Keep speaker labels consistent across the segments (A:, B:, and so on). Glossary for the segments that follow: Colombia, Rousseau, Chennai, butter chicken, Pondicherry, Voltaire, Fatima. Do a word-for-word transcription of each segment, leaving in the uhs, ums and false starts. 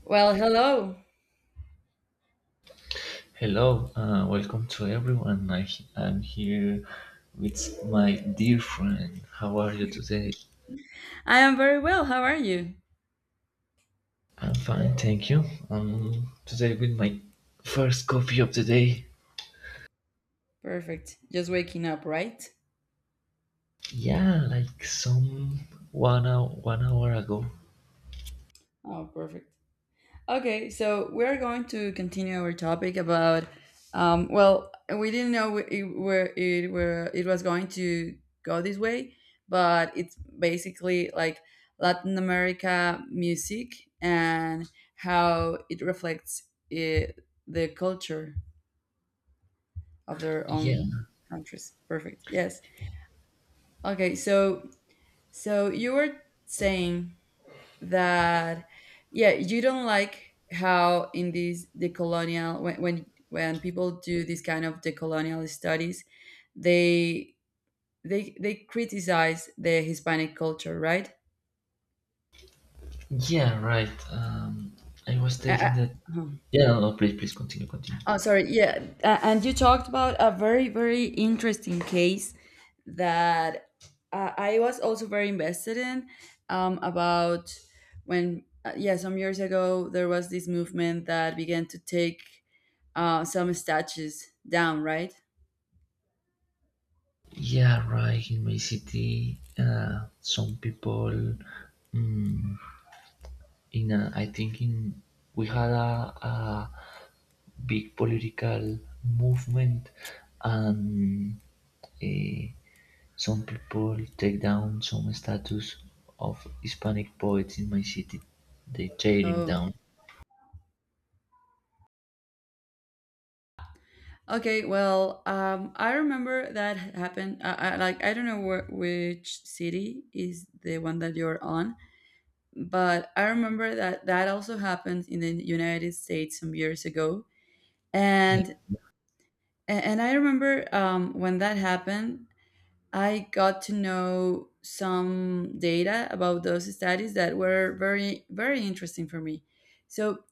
A: Well, hello.
B: Hello, uh, welcome to everyone. I am here with my dear friend. How are you today?
A: I am very well. How are you?
B: I'm fine, thank you. Um, today with my first coffee of the day.
A: Perfect. Just waking up, right?
B: Yeah, like some one hour, one hour ago.
A: Oh, perfect. Okay, so we're going to continue our topic about um well, we didn't know it, where it where it was going to go this way, but it's basically like Latin America music and how it reflects it, the culture of their
B: Yeah,
A: own countries. Perfect. Yes. Okay, so So you were saying that yeah, you don't like how in these decolonial when when when people do these kind of decolonial studies, they they they criticize the Hispanic culture, right?
B: yeah, right. Um, I was telling
A: Uh,
B: that.
A: uh,
B: Yeah, no, no, please, please continue, continue.
A: Oh, sorry. Yeah. a- And you talked about a very, very interesting case that uh, I was also very invested in um, about when, uh, yeah, some years ago, there was this movement that began to take uh, some statues down, right?
B: Yeah, right. In my city, uh, some people. mm in a, I think in we had a, a big political movement and eh, some people take down some statues of Hispanic poets in my city. They tearing
A: Oh,
B: down.
A: okay. Well, um, I remember that happened. I, I, like, I don't know where, which city is the one that you're on, but I remember that that also happened in the United States some years ago,
B: Yeah,
A: and and I remember um, when that happened, I got to know some data about those studies that were very very interesting for me. So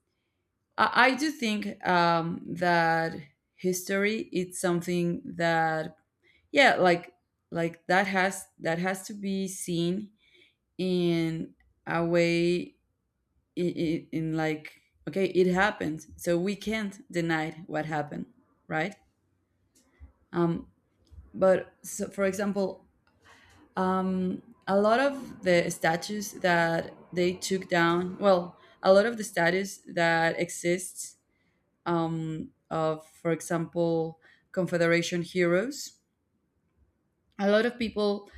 A: I, I do think um, that history is something that yeah like like that has that has to be seen in a way i- i- in like okay it happened so we can't deny what happened, right. um but so for example, um a lot of the statues that they took down, well, a lot of the statues that exists, um of for example confederation heroes, a lot of people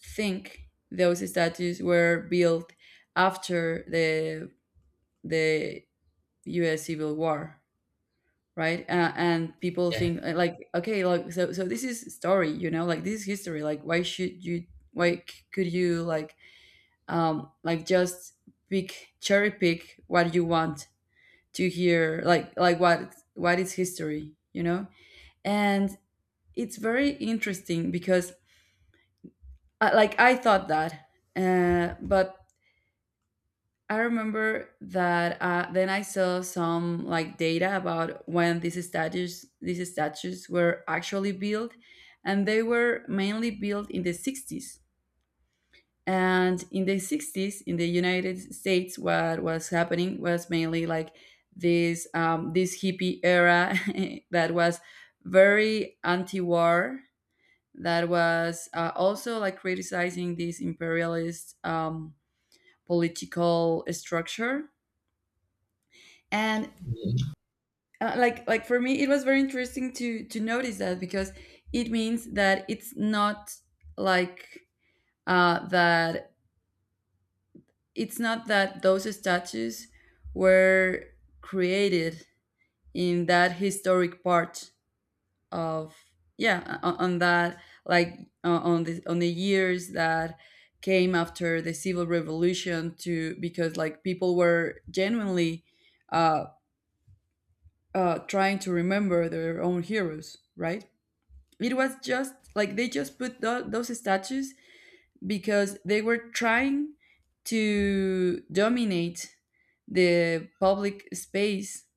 A: think those statues were built after the the U S Civil War, right. Uh, and people
B: yeah,
A: think uh, like okay like so so this is story, you know, like this is history, like why should you, why c- could you like, um like just pick, cherry pick what you want to hear, like like what what is history, you know. And it's very interesting because I, like I thought that uh, but I remember that uh, then I saw some like data about when these statues these statues were actually built, and they were mainly built in the sixties. And in the sixties, in the United States, what was happening was mainly like this um, this hippie era that was very anti-war, that was uh, also like criticizing this imperialist um, political structure. And uh, like like for me it was very interesting to to notice that because it means that it's not like uh that it's not that those statues were created in that historic part of yeah on, on that like uh, on the on the years that came after the civil revolution to, because like people were genuinely uh, uh, trying to remember their own heroes, right. It was just like they just put tho- those statues because they were trying to dominate the public space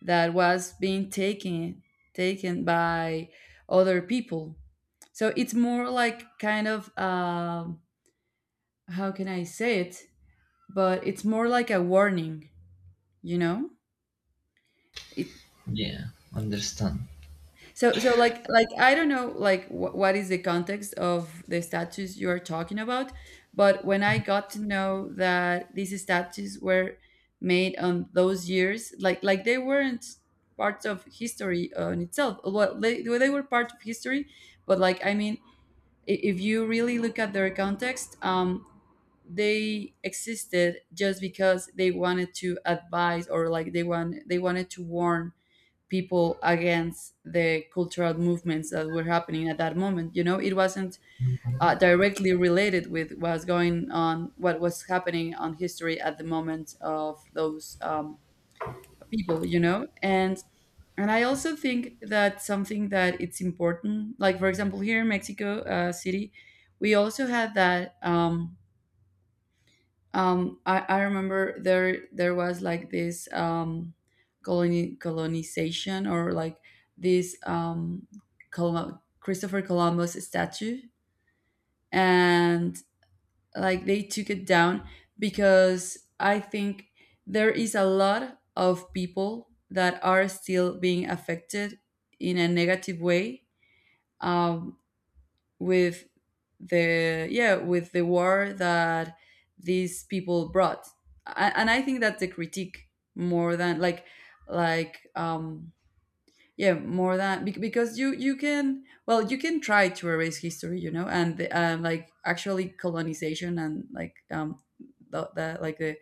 A: that was being taken, taken by other people. So it's more like kind of um how can I say it, but it's more like a warning, you know, it.
B: yeah. Understand.
A: So, so like, like I don't know, like wh- what is the context of the statues you are talking about, but when I got to know that these statues were made on those years, like, like they weren't parts of history on itself. Well, they, well, they were part of history, but like, I mean, i- if you really look at their context, um, they existed just because they wanted to advise, or like they want they wanted to warn people against the cultural movements that were happening at that moment. You know, it wasn't uh, directly related with what was going on, what was happening on history at the moment of those um, people. You know, and and I also think that something that it's important, like for example, here in Mexico uh, City, we also had that. Um, um i i remember there there was like this um colony, colonization or like this um Colum- christopher columbus statue. And like they took it down because I think there is a lot of people that are still being affected in a negative way um with the, yeah with the war that these people brought. A- and I think that's the critique more than like like um yeah, more than bec- because you you can, well you can try to erase history, you know. And the, uh, like actually colonization and like um the, the like the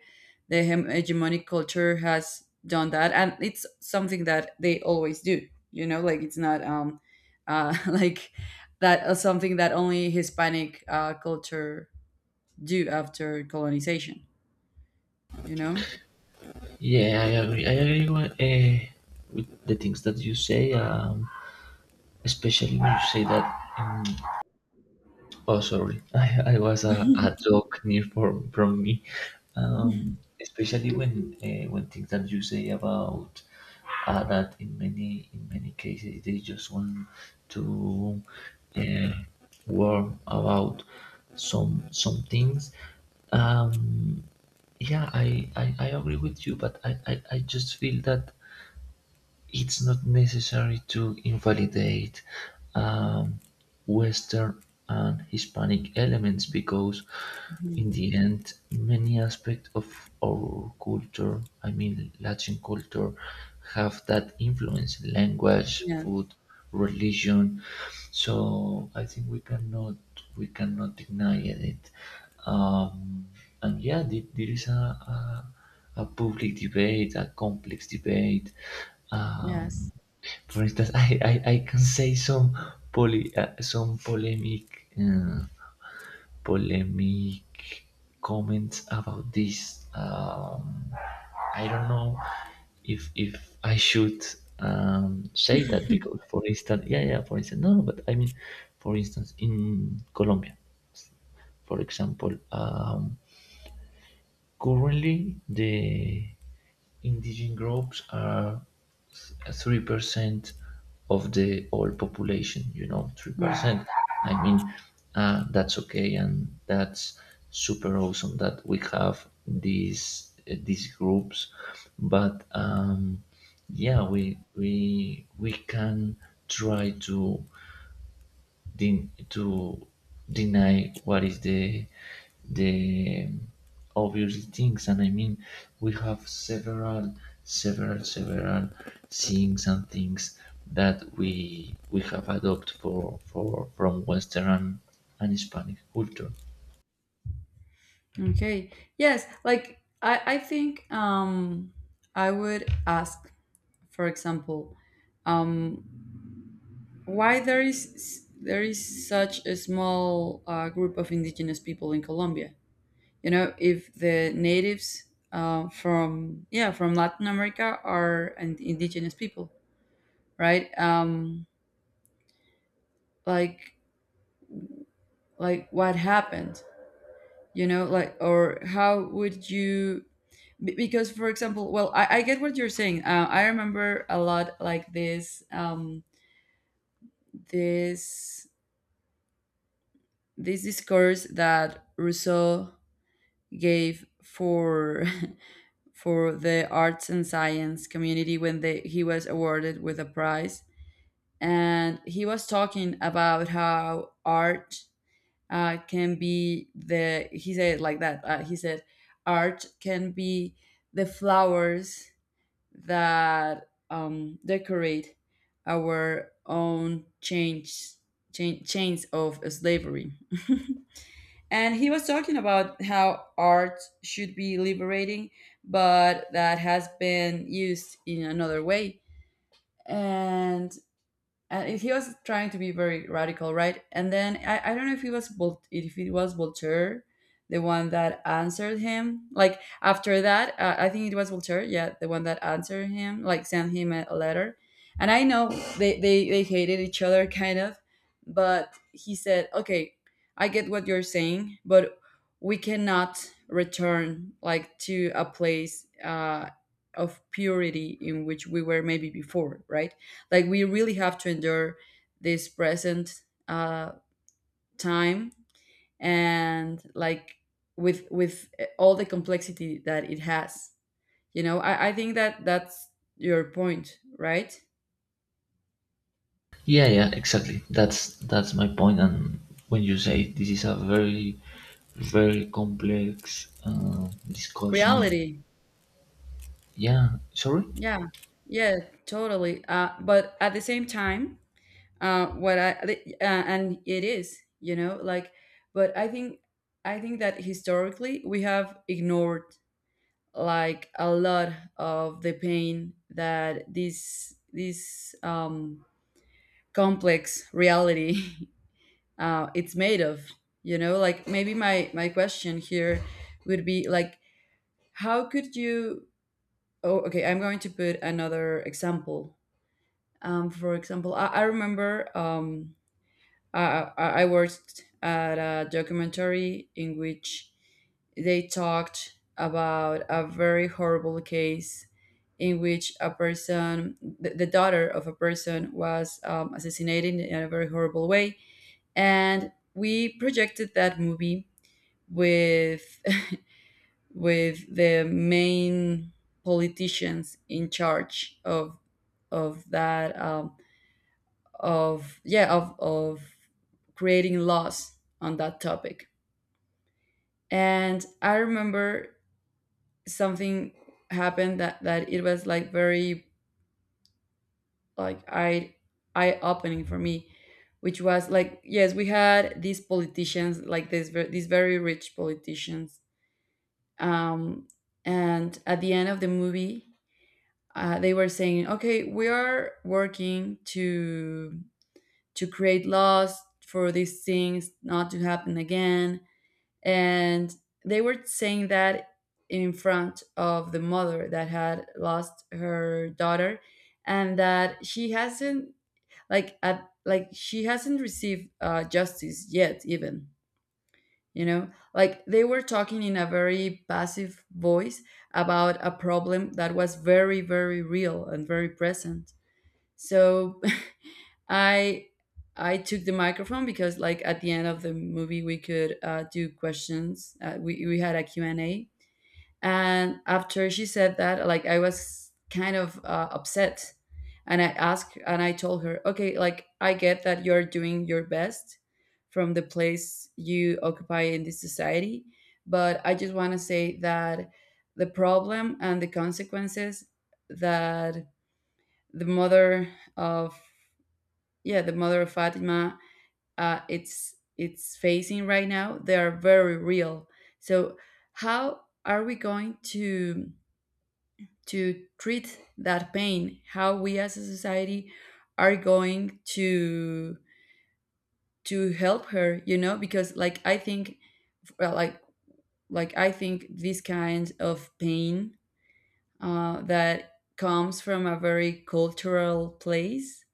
A: the hem- hegemonic culture has done that, and it's something that they always do, you know. Like it's not um uh like that uh, something that only hispanic uh culture do after colonization, you know.
B: Yeah, I agree. I agree with, uh, with the things that you say, um, especially when you say that um, oh, sorry. I, I was a, a joke near from from me, um, especially when uh, when things that you say about uh, that in many in many cases they just want to uh, worry about some some things. Um, yeah, I, I, I agree with you, but I, I, I just feel that it's not necessary to invalidate um, Western and Hispanic elements because, in
A: Mhm.
B: the end, many aspects of our culture, I mean Latin culture, have that influence: language,
A: Yes.
B: food, religion. So I think we cannot, we cannot deny it. Um, and yeah, the- there is a, a a public debate, a complex debate. Um,
A: Yes.
B: for instance, I, I, I can say some poly, uh, some polemic. Uh, polemic comments about this. Um, I don't know if if I should um, say that because, for instance, yeah, yeah, for instance, no, no, but I mean, for instance, in Colombia, for example, um, currently, the indigenous groups are three percent of the whole population. You know, three
A: Hmm.
B: percent. I mean, uh, that's okay, and that's super awesome that we have these uh, these groups. But um, yeah, we we we can try to den- to deny what is the the obvious things. And I mean, we have several several several things and things that we we have adopted for for from Western and Hispanic culture.
A: Okay. Yes, like I, I think um, I would ask, for example, um, why there is there is such a small uh, group of indigenous people in Colombia. You know, if the natives uh, from yeah from Latin America are and indigenous people, right? Um, like like what happened? You know, like or how would you. Be- because for example well I, I get what you're saying uh, I remember a lot like this um, this this discourse that rousseau gave for for the arts and science community when they, he was awarded with a prize. And he was talking about how art uh, can be, the he said it like that uh, he said art can be the flowers that um, decorate our own change, chain, chains of slavery. And he was talking about how art should be liberating, but that has been used in another way. And and he was trying to be very radical, right? And then I, I don't know if it was Vol- if it was Voltaire, the one that answered him. Like after that, uh, I think it was Voltaire, yeah, the one that answered him, like sent him a, a letter. And I know they, they they hated each other kind of, but he said, okay, I get what you're saying, but we cannot return like to a place uh, of purity in which we were maybe before, right? Like we really have to endure this present uh, time and like with with all the complexity that it has, you know. I, I think that that's your point, right.
B: yeah yeah exactly, that's that's my point. And when you say this is a very, very complex uh, discussion,
A: Reality,
B: yeah, sorry.
A: yeah yeah, totally uh, but at the same time uh, what i the- uh, and it is, you know like. But I think I think that historically we have ignored like a lot of the pain that this this um, complex reality uh, it's made of. You know, like maybe my my question here would be like how could you. Oh okay, I'm going to put another example. um, for example i, I remember um, Uh, I I worked at a documentary in which they talked about a very horrible case in which a person, the, the daughter of a person, was um, assassinated in a very horrible way. And we projected that movie with with the main politicians in charge of of that um, of yeah of of creating laws on that topic. And I remember something happened that that it was like very like eye eye opening for me, which was like yes, we had these politicians, like this ver- these very rich politicians. um and at the end of the movie uh, they were saying okay we are working to to create laws for these things not to happen again. And they were saying that in front of the mother that had lost her daughter and that she hasn't, like at, like she hasn't received uh, justice yet even, you know. Like they were talking in a very passive voice about a problem that was very very real and very present. So I I took the microphone because like at the end of the movie we could uh, do questions. Uh, we we had a Q and A, and after she said that, like I was kind of uh, upset, and I asked and I told her, okay, like I get that you're doing your best from the place you occupy in this society, but I just want to say that the problem and the consequences that the mother of, yeah, the mother of Fatima uh, it's it's facing right now, they are very real. So how are we going to to treat that pain? How we as a society are going to to help her? You know, because like I think, well, like, like i think this kind of pain uh, that comes from a very cultural place,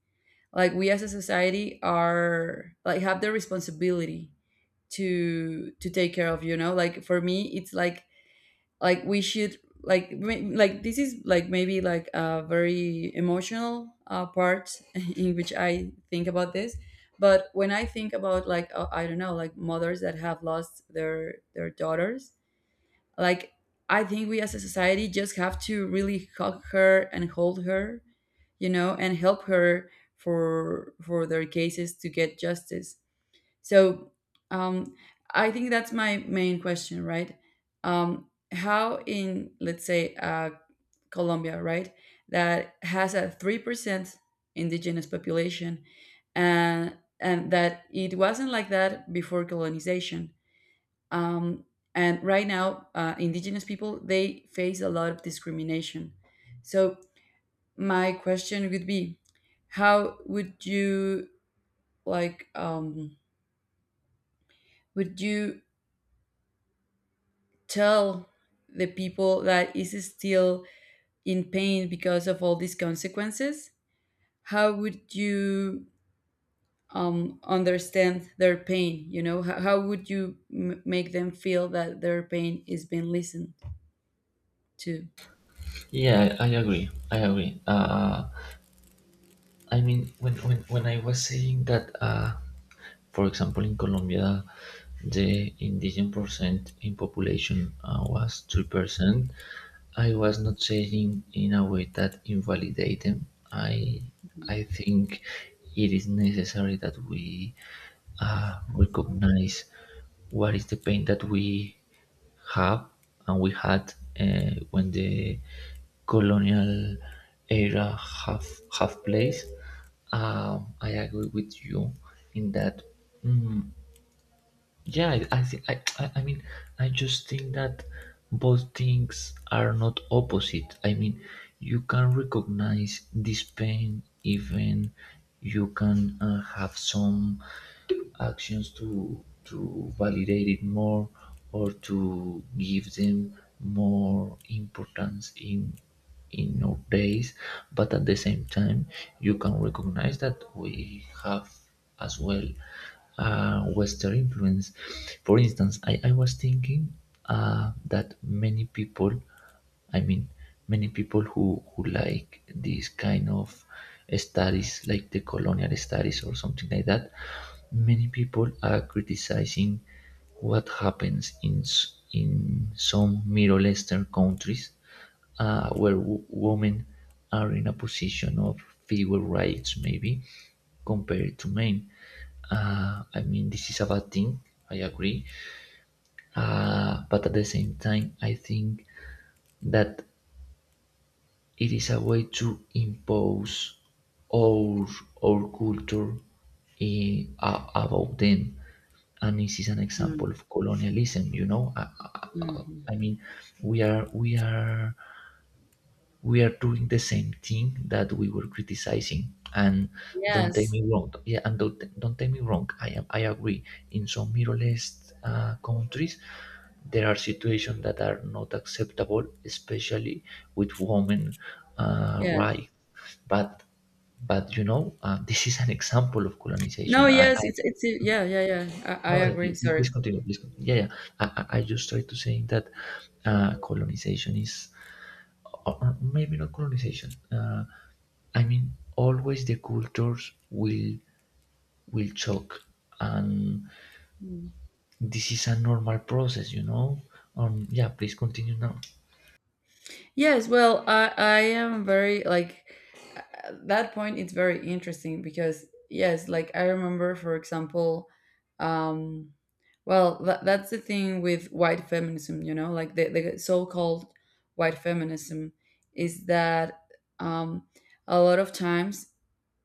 A: like we as a society are, like, have the responsibility to to take care of, you know, like for me it's like like we should like ma- like this is like, maybe like a very emotional uh, part in which I think about this. But when I think about, like, uh, I don't know, like mothers that have lost their their daughters, like, I think we as a society just have to really hug her and hold her, you know, and help her, for for their cases to get justice. So um, I think that's my main question, right? Um, how in, let's say, uh, Colombia, right, that has a three percent indigenous population, and and that it wasn't like that before colonization. Um, and right now, uh, indigenous people, they face a lot of discrimination. So my question would be, how would you, like? Um, would you tell the people that is still in pain because of all these consequences, how would you um, understand their pain? You know, how, how would you m- make them feel that their pain is being listened to?
B: Yeah, I agree. I agree. Uh, I mean, when, when, when I was saying that, uh, for example, in Colombia, the indigenous percent in population uh, was three percent, I was not saying in a way that invalidate them. I, I think it is necessary that we uh, recognize what is the pain that we have and we had uh, when the colonial era have have place. Um, I agree with you in that mm, yeah, I, I think I, I I mean I just think that both things are not opposite. I mean, you can recognize this pain, even you can uh, have some actions to to validate it more or to give them more importance in in our days, but at the same time you can recognize that we have as well uh, Western influence. For instance, i, I was thinking uh, that many people, I mean, many people who, who like these kind of studies, like the colonial studies or something like that, many people are criticizing what happens in s- in some Middle Eastern countries uh, where w women are in a position of fewer rights maybe compared to men. Uh, I mean, this is a bad thing. I agree, uh, but at the same time, I think that it is a way to impose our our culture eh, a- about them, and this is an example
A: Mm,
B: of colonialism. You know, I, I, I
A: mhm.
B: mean, we are we are we are doing the same thing that we were criticizing. And don't take
A: Yes.
B: me wrong, yeah, and don't, don't take me wrong. I am, I agree, in some Middle East uh, countries there are situations that are not acceptable, especially with women, uh,
A: Yes.
B: right? but but you know, uh, this is an example of
A: No.
B: colonization. i,
A: Yes,
B: I
A: it's it's yeah, yeah, yeah, i, I
B: no, no,
A: agree,
B: pl-
A: sorry.
B: please continue, please continue. yeah yeah I, I I just try to say that uh, colonization is or or maybe not colonization. Uh, I mean, always the cultures will will choke, and
A: Mm.
B: this is a normal process, you know. Um, yeah, please continue now.
A: Yes, well, i i am very, like, at that point it's very interesting, because yes, like, I remember for example, um well, tha that's the thing with white feminism, you know, like, the, the so-called white feminism, is that um a lot of times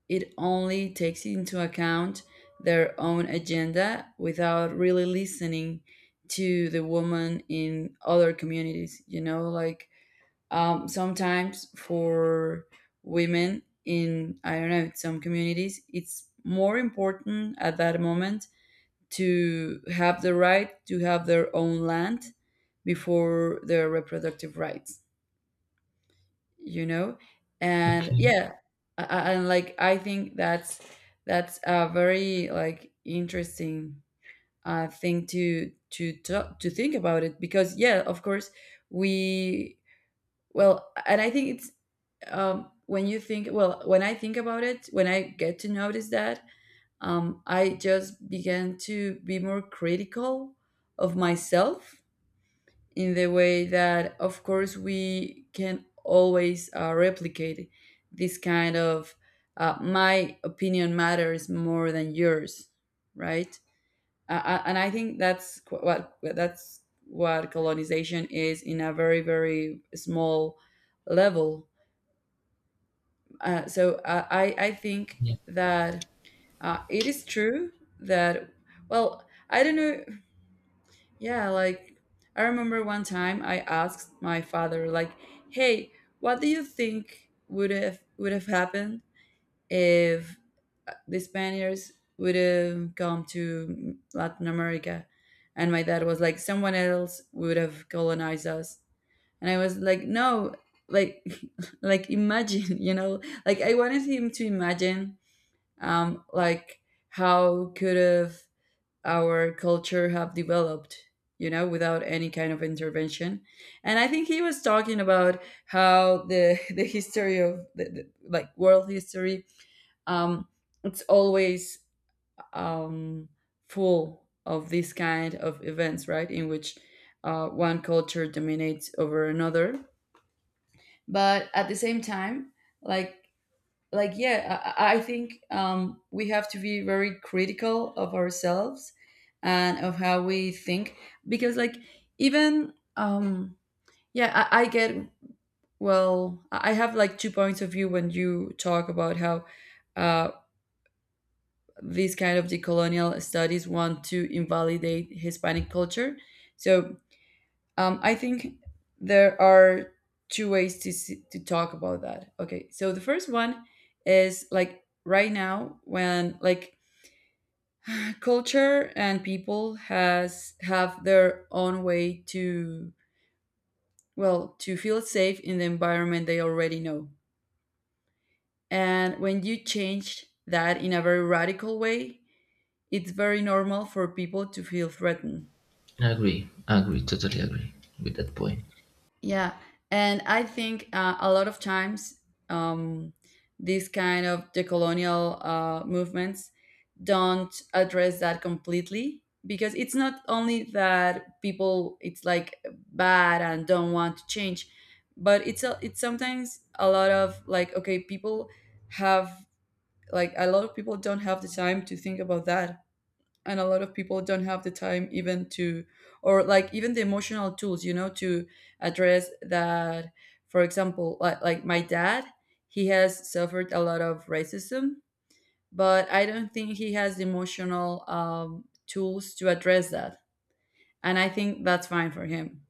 A: it only takes into account their own agenda without really listening to the woman in other communities, you know, like, um, sometimes for women in, I don't know, some communities, it's more important at that moment to have the right to have their own land before their reproductive rights, you know? And
B: Okay.
A: yeah, I- I- and like I think that's, that's a very, like, interesting uh, thing to to talk, to think about it, because yeah, of course, we, well, and I think it's um, when you think, well, when I think about it, when I get to notice that, um, I just began to be more critical of myself, in the way that of course we can always uh, replicate this kind of uh, my opinion matters more than yours, right? Uh, uh, and I think that's, qu- what that's what colonization is, in a very very small level. Uh, so uh, I I think
B: Yeah.
A: that uh, it is true that, well, I don't know. Yeah, like, I remember one time I asked my father, like, hey, what do you think would have would have happened if uh, the Spaniards would have come to Latin America? And my dad was like, someone else would have colonized us. And I was like, no, like, like, imagine, you know, like I wanted him to imagine um like, how could have our culture have developed, you know, without any kind of intervention. And I think he was talking about how the the history of the, the like, world history, um it's always um full of this kind of events, right, in which uh, one culture dominates over another. But at the same time, like like yeah, i, I think um, we have to be very critical of ourselves, and of how we think, because, like, even um yeah, i, I get, well, i I have like two points of view when you talk about how uh, these kind of decolonial studies want to invalidate hispanic culture. So Um, I think there are two ways to s- to talk about that. Okay, so the first one is, like, right now, when, like, culture and people has have their own way to, well, to feel safe in the environment they already know, and when you change that in a very radical way, it's very normal for people to feel threatened.
B: Agree. Agree. Totally agree with that point.
A: Yeah, and I think uh, a lot of times, um, these kind of decolonial uh, movements don't address that completely, because it's not only that people, it's like, bad and don't want to change, but it's a, it's sometimes a lot of like, okay, people have, like, a lot of people don't have the time to think about that, and a lot of people don't have the time even to, or like even the emotional tools, you know, to address that. For example, like, like my dad, he has suffered a lot of racism, but I don't think he has the emotional um, tools to address that, and I think that's fine for him,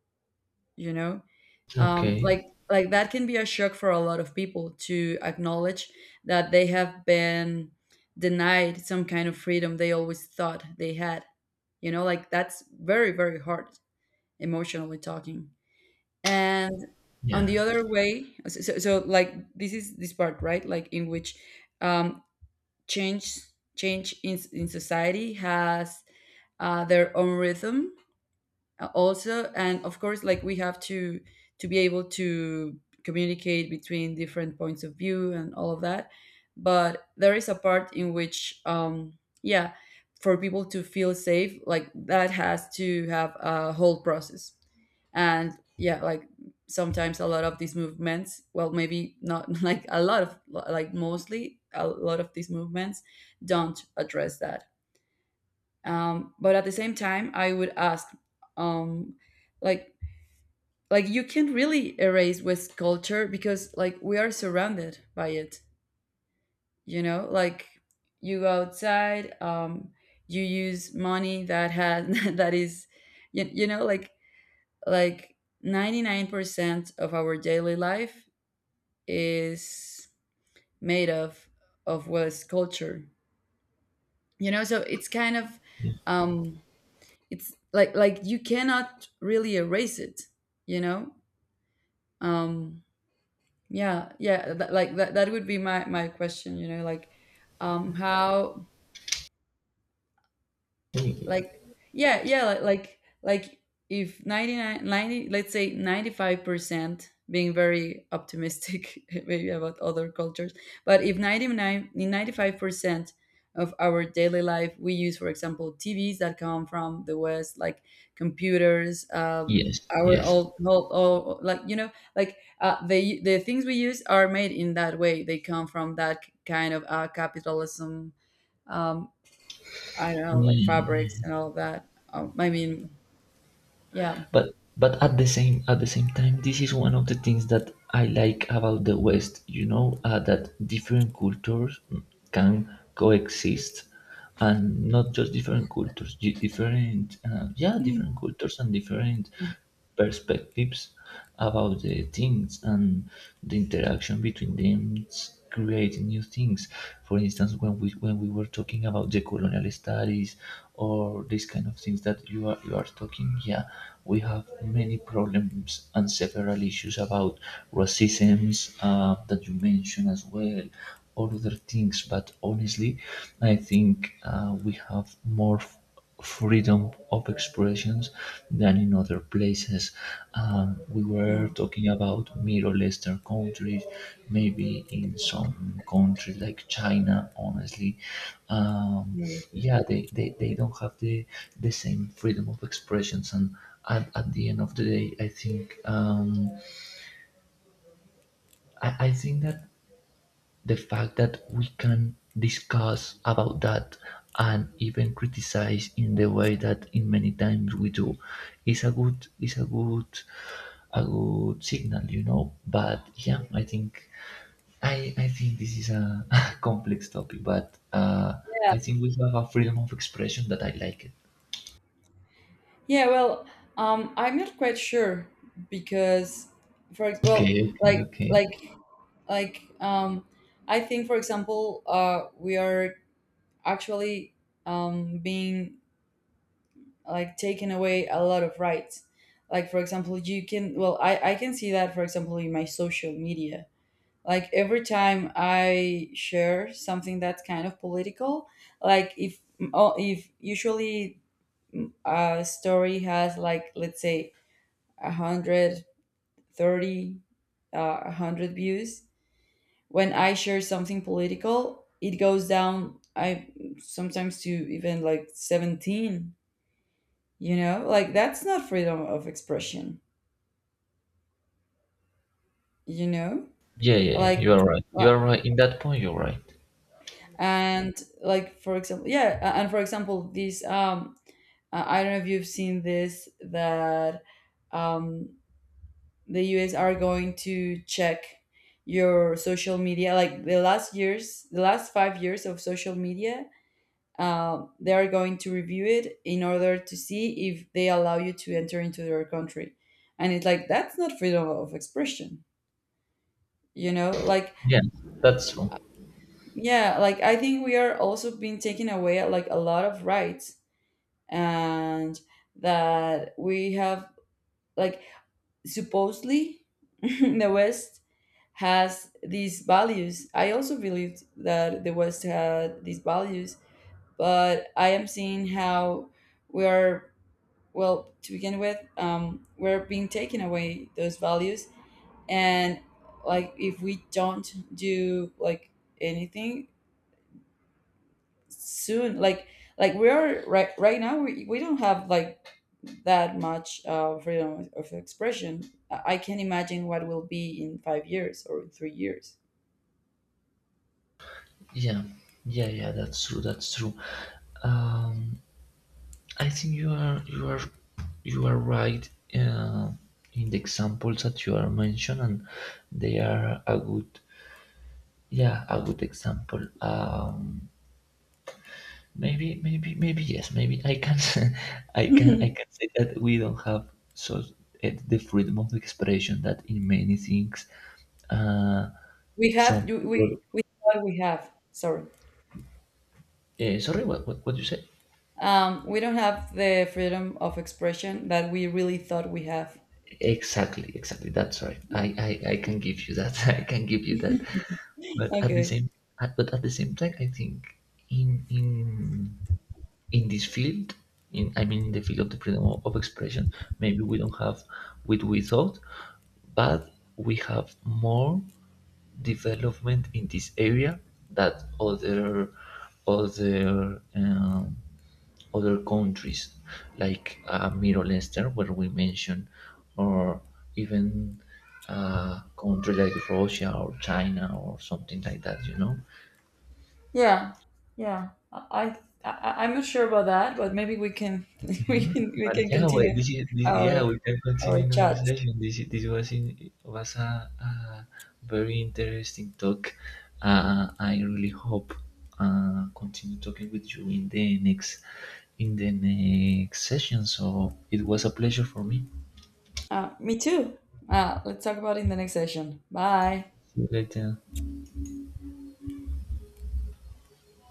A: you know. um,
B: Okay.
A: like like that can be a shock for a lot of people to acknowledge that they have been denied some kind of freedom they always thought they had, you know, like that's very, very hard, emotionally talking. And on
B: Yeah.
A: the other way, so, so so, like this is this part, right, like, in which um change, change in, in society has uh, their own rhythm, uh, also. And of course, like we have to to be able to communicate between different points of view and all of that, but there is a part in which um yeah, for people to feel safe, like, that has to have a whole process. And yeah, like sometimes a lot of these movements, well, maybe not, like a lot of, like, mostly a lot of these movements, don't address that. Um, but at the same time, I would ask, um, like like you can't really erase west culture, because, like, we are surrounded by it, you know. Like, you go outside, um, you use money that has that is, you, you know, like like ninety-nine percent of our daily life is made of of west culture, you know, so it's kind of um it's like like you cannot really erase it, you know. um yeah, yeah, that, like that, that would be my my question, you know, like, um how,
B: Yeah.
A: like, yeah, yeah, like like, like, if ninety-nine, ninety, let's say ninety-five percent, being very optimistic, maybe about other cultures, but if ninety-nine, ninety-five percent of our daily life we use, for example, tvs that come from the west, like computers, um
B: Yes.
A: our,
B: Yes.
A: old, whole all, like, you know, like, uh, the the things we use, are made in that way, they come from that kind of uh, capitalism, um, I don't know, like
B: Yeah.
A: fabrics and all of that. Um, I mean, yeah.
B: but but at the same, at the same time, this is one of the things that I like about the West, you know, uh, that different cultures can coexist, and not just different cultures, di- different uh, yeah,
A: Mm.
B: different cultures and different perspectives about the things, and the interaction between them creating new things. For instance, when we when we were talking about the colonial studies or these kind of things that you are you are talking, yeah, we have many problems and several issues about racisms uh, that you mentioned as well, or other things. But honestly, I think uh, we have more freedom of expressions than in other places. Um, we were
A: Mm,
B: talking about Middle Eastern countries, maybe in some countries like China, honestly. Um,
A: mm.
B: yeah, they, they, they don't have the, the same freedom of expressions. And at, at the end of the day, I think um, I, I think that the fact that we can discuss about that and even criticize in the way that in many times we do is a good, is a good, a good signal, you know. But yeah, I think I I think this is a a complex topic, but uh,
A: Yeah.
B: I think we have a freedom of expression that I like it.
A: Yeah, well, um, I'm not quite sure because, for ex- well,
B: Okay, okay,
A: like
B: okay.
A: like like um I think, for example, uh we are actually, um being, like, taken away a lot of rights. Like, for example, you can, well, I I can see that for example in my social media, like every time I share something that's kind of political, like, if, oh, if usually a story has like, let's say, one hundred thirty uh, a hundred views, when I share something political it goes down, I sometimes, to even like seventeen, you know, like that's not freedom of expression, you know.
B: Yeah, yeah,
A: Like,
B: you are right. You are right. In that point, you're right.
A: and like for example, yeah, a- and for example these um uh, I don't know if you've seen this, that um the US are going to check your social media, like the last years, the last five years of social media. um, they are going to review it in order to see if they allow you to enter into their country. And it's like, that's not freedom of expression, you know, like,
B: Yeah, that's true.
A: yeah, like, I think we are also being taken away like a lot of rights and that we have, like, supposedly the west has these values, I also believed that the west had these values, but I am seeing how we are, well, to begin with, um, we're being taken away those values. And, like, if we don't do like anything soon, like like we are right right now, we, we don't have like that much uh, freedom of expression. i I can't imagine what will be in five years or three years.
B: Yeah, yeah, yeah, that's true. That's true. Um, I think you are you are you are right uh, in the examples that you are mentioning. And they are a good, yeah, a good example. Um, maybe, maybe maybe yes. Maybe I can I can, I can say that we don't have so eh, the freedom of expression that in many things, uh,
A: We
B: some
A: have, you- we
B: people.
A: we what we have, sorry?
B: Uh, sorry, what, what what you say?
A: Um we don't have the freedom of expression that we really thought we have.
B: Exactly, exactly, that's right. I,
A: Yeah.
B: I I can give you that, I can give you that, but at the
A: Okay.
B: same, at, but at the same time I think in in in this field, in I mean in the field of the freedom of expression, maybe we don't have what we thought, but we have more development in this area that other, other um, other countries like uh, Middle Eastern where we mentioned, or even a country like Russia or China or something like that, you know.
A: Yeah, yeah, i, I, I- I'm not sure about that, but maybe we can
B: Okay,
A: we can we
B: but
A: can
B: yeah, wait.
A: continue
B: This is this, yeah.
A: our
B: We can continue
A: our
B: another
A: chat.
B: session. This is- this was in, was a, a very interesting talk. Uh, I really hope uh, continue talking with you in the next, in the next session. So it was a pleasure for me.
A: Uh, me too. Uh, let's talk about it in the next session. Bye.
B: See you later.